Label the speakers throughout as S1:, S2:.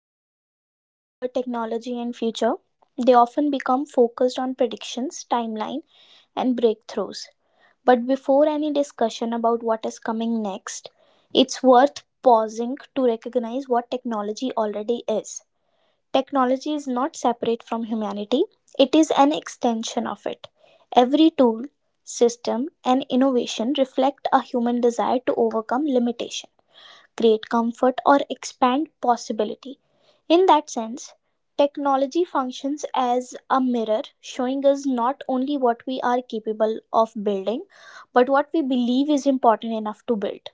S1: conversations turn toward technology and future, they often become focused on predictions, timeline, and breakthroughs. But before any discussion about what is coming next, it's worth pausing to recognize what technology already is. Technology is not separate from humanity, it is an extension of it. Every tool, system, and innovation reflect a human desire to overcome limitation create comfort, or expand possibility. In that sense, technology functions as a mirror, showing us not only what we are capable of building, but what we believe is important enough to build.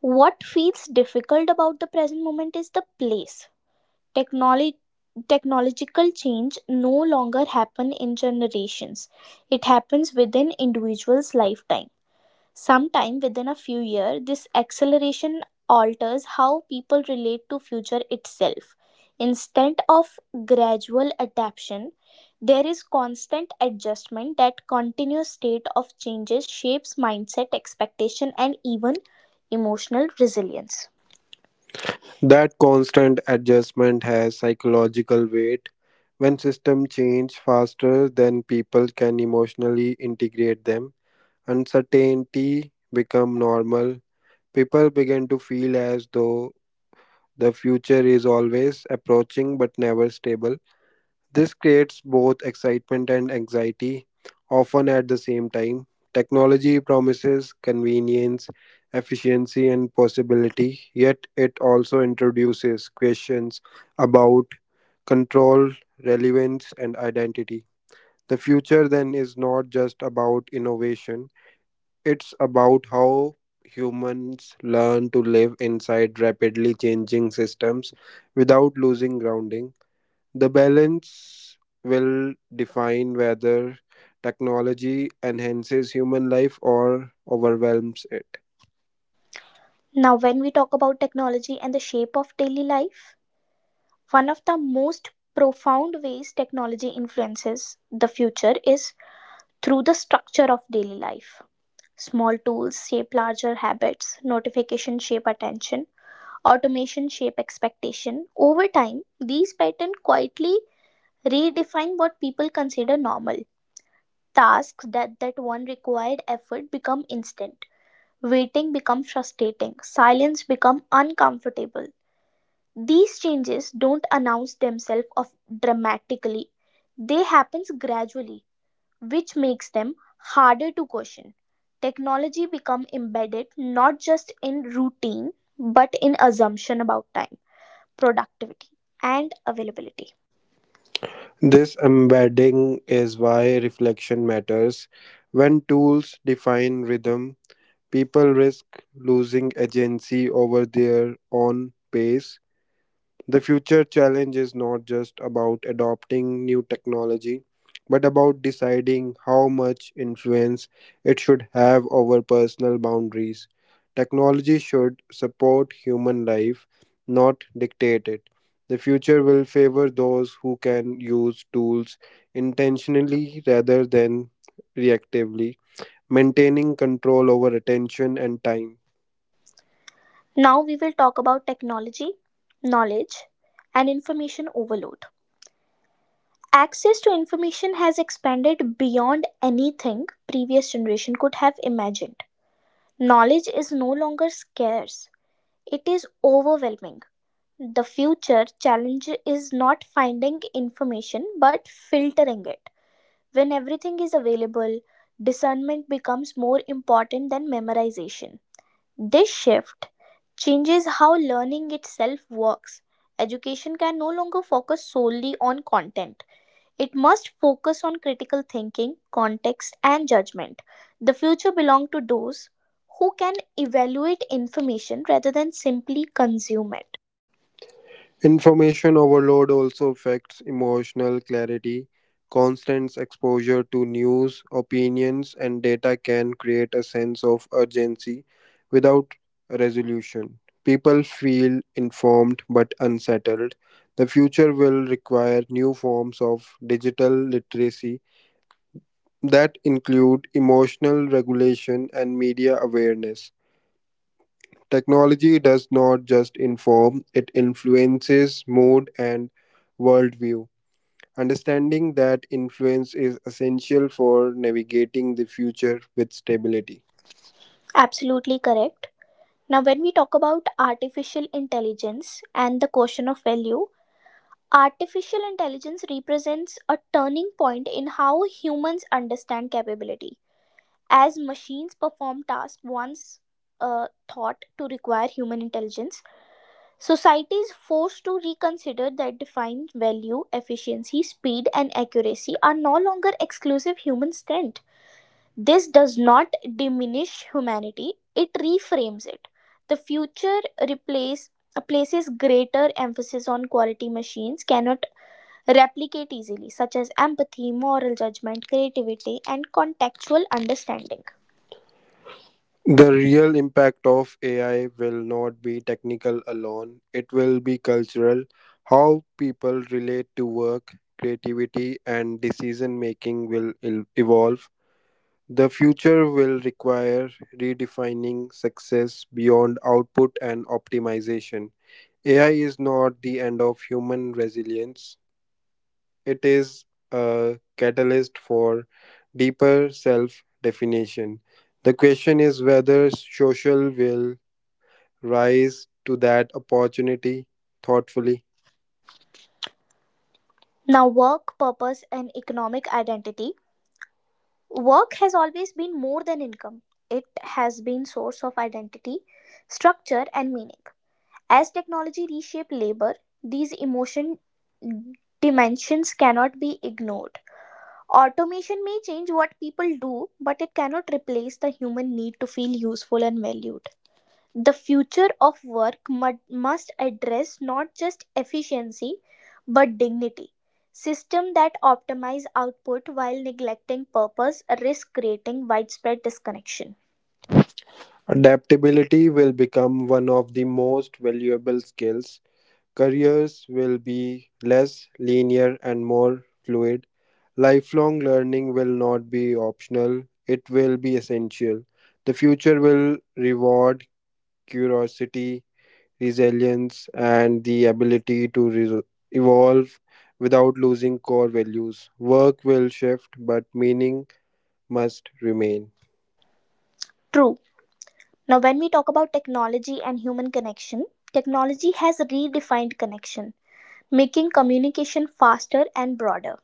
S1: What feels difficult about the present moment is the place. Technology Technological change no longer happen in generations, it happens within individuals lifetime. Sometime within a few years, this acceleration alters how people relate to future itself. Instead of gradual adaptation, there is constant adjustment that continuous state of changes shapes mindset, expectation, and even emotional resilience.
S2: That constant adjustment has psychological weight. When systems change faster than people can emotionally integrate them, uncertainty become normal. People begin to feel as though the future is always approaching but never stable. This creates both excitement and anxiety, often at the same time. Technology promises convenience, efficiency, and possibility, yet it also introduces questions about control, relevance, and identity. The future then is not just about innovation, it's about how humans learn to live inside rapidly changing systems without losing grounding. The balance will define whether technology enhances human life or overwhelms it.
S1: Now, when we talk about technology and the shape of daily life, one of the most profound ways technology influences the future is through the structure of daily life. Small tools shape larger habits, notification shape attention, automation shape expectation. Over time, these patterns quietly redefine what people consider normal. Tasks that one required effort become instant. Waiting becomes frustrating. Silence becomes uncomfortable. These changes don't announce themselves of dramatically. They happens gradually, which makes them harder to question. Technology become embedded not just in routine but in assumption about time, productivity and availability.
S2: This embedding is why reflection matters. When tools define rhythm, people risk losing agency over their own pace. The future challenge is not just about adopting new technology, but about deciding how much influence it should have over personal boundaries. Technology should support human life, not dictate it. The future will favor those who can use tools intentionally rather than reactively, maintaining control over attention and time.
S1: Now we will talk about technology, knowledge and information overload. Access to information has expanded beyond anything previous generation could have imagined. Knowledge is no longer scarce. It is overwhelming. The future challenge is not finding information but filtering it. When everything is available, discernment becomes more important than memorization. This shift changes how learning itself works. Education can no longer focus solely on content. It must focus on critical thinking, context, and judgment. The future belongs to those who can evaluate information rather than simply consume it.
S2: Information overload also affects emotional clarity. Constant exposure to news, opinions, and data can create a sense of urgency without resolution. People feel informed but unsettled. The future will require new forms of digital literacy that include emotional regulation and media awareness. Technology does not just inform, it influences mood and worldview. Understanding that influence is essential for navigating the future with stability.
S1: Absolutely correct. Now, when we talk about artificial intelligence and the question of value, artificial intelligence represents a turning point in how humans understand capability. As machines perform tasks once thought to require human intelligence, society is forced to reconsider that defined value, efficiency, speed, and accuracy are no longer exclusive human strength. This does not diminish humanity, it reframes it. The future places greater emphasis on quality machines cannot replicate easily, such as empathy, moral judgment, creativity, and contextual understanding.
S2: The real impact of AI will not be technical alone, it will be cultural. How people relate to work, creativity, and decision making will evolve. The future will require redefining success beyond output and optimization. AI is not the end of human resilience, it is a catalyst for deeper self definition. The question is whether social will rise to that opportunity thoughtfully.
S1: Now, work, purpose, and economic identity. Work has always been more than income, it has been source of identity, structure, and meaning. As technology reshapes labor, these emotion dimensions cannot be ignored. Automation may change what people do, but it cannot replace the human need to feel useful and valued. The future of work must address not just efficiency but dignity. Systems that optimize output while neglecting purpose risk creating widespread disconnection.
S2: Adaptability will become one of the most valuable skills. Careers will be less linear and more fluid. Lifelong learning will not be optional, it will be essential. The future will reward curiosity, resilience, and the ability to evolve without losing core values. Work will shift, but meaning must remain.
S1: True. Now, when we talk about technology and human connection, technology has redefined connection, making communication faster and broader.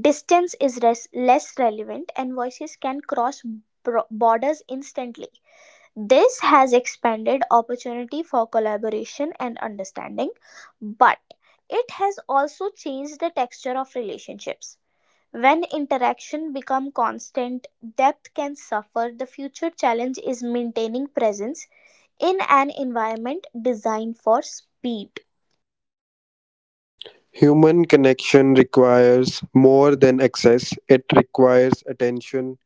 S1: Distance is less relevant, and voices can cross borders instantly. This has expanded opportunity for collaboration and understanding, but it has also changed the texture of relationships. When interaction become constant, depth can suffer. The future challenge is maintaining presence in an environment designed for speed.
S2: Human connection requires more than access, it requires attention.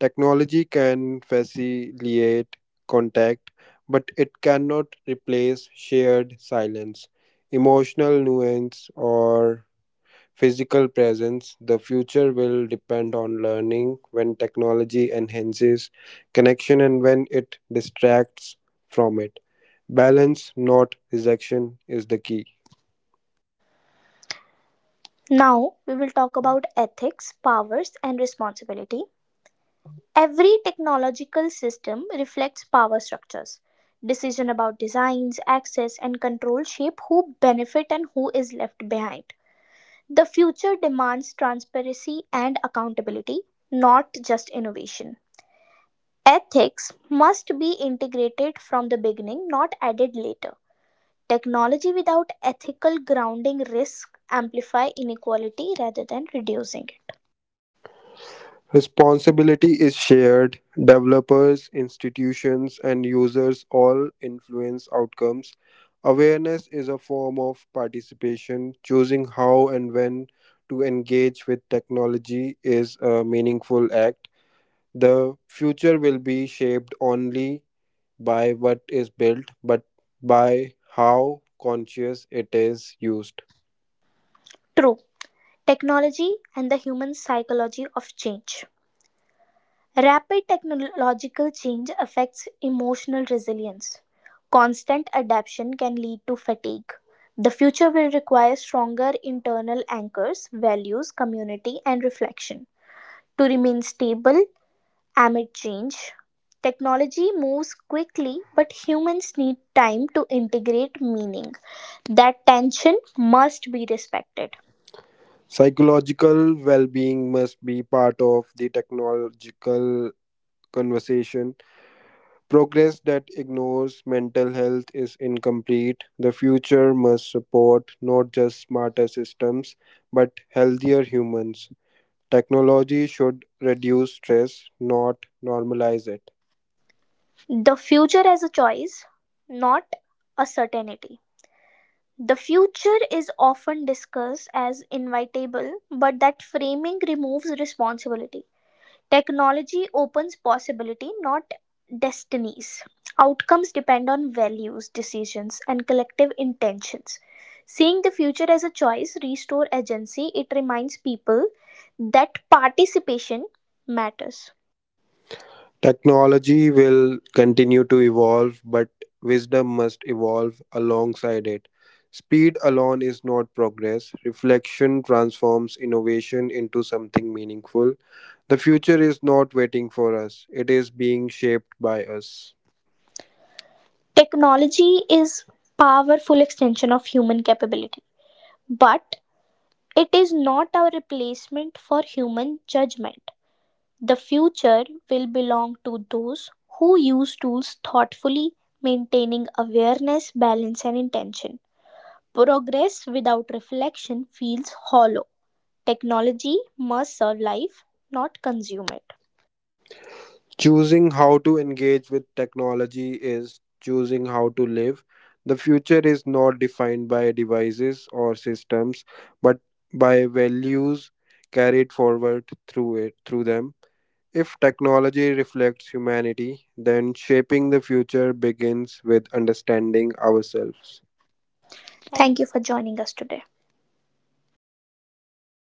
S2: Technology can facilitate contact, but it cannot replace shared silence, emotional nuance, or physical presence. The future will depend on learning when technology enhances connection and when it distracts from it. Balance, not rejection, is the key.
S1: Now, we will talk about ethics, powers, and responsibility. Every technological system reflects power structures. Decision about designs, access, and control shape who benefit and who is left behind. The future demands transparency and accountability, not just innovation. Ethics must be integrated from the beginning, not added later. Technology without ethical grounding risks amplify inequality rather than reducing it.
S2: Responsibility is shared. Developers, institutions, and users all influence outcomes. Awareness is a form of participation. Choosing how and when to engage with technology is a meaningful act. The future will be shaped only by what is built, but by how conscious it is used.
S1: True, technology and the human psychology of change. Rapid technological change affects emotional resilience. Constant adaptation can lead to fatigue. The future will require stronger internal anchors, values, community, and reflection. To remain stable, amid change, technology moves quickly, but humans need time to integrate meaning. That tension must be respected.
S2: Psychological well being must be part of the technological conversation. Progress that ignores mental health is incomplete. The future must support not just smarter systems, but healthier humans. Technology should reduce stress, not normalize it.
S1: The future as a choice, not a certainty. The future is often discussed as inevitable, but that framing removes responsibility. Technology opens possibility, not destinies. Outcomes depend on values, decisions, and collective intentions. Seeing the future as a choice restore agency. It reminds people that participation matters.
S2: Technology will continue to evolve, but wisdom must evolve alongside it. Speed alone is not progress. Reflection transforms innovation into something meaningful. The future is not waiting for us, it is being shaped by us.
S1: Technology is powerful extension of human capability, but it is not a replacement for human judgment. The future will belong to those who use tools thoughtfully, maintaining awareness, balance, and intention. Progress without reflection feels hollow. Technology must serve life, not consume it.
S2: Choosing how to engage with technology is choosing how to live. The future is not defined by devices or systems, but by values carried forward through it through them. If technology reflects humanity, then shaping the future begins with understanding ourselves. Thank
S1: Thank you
S2: you.
S1: for joining us today.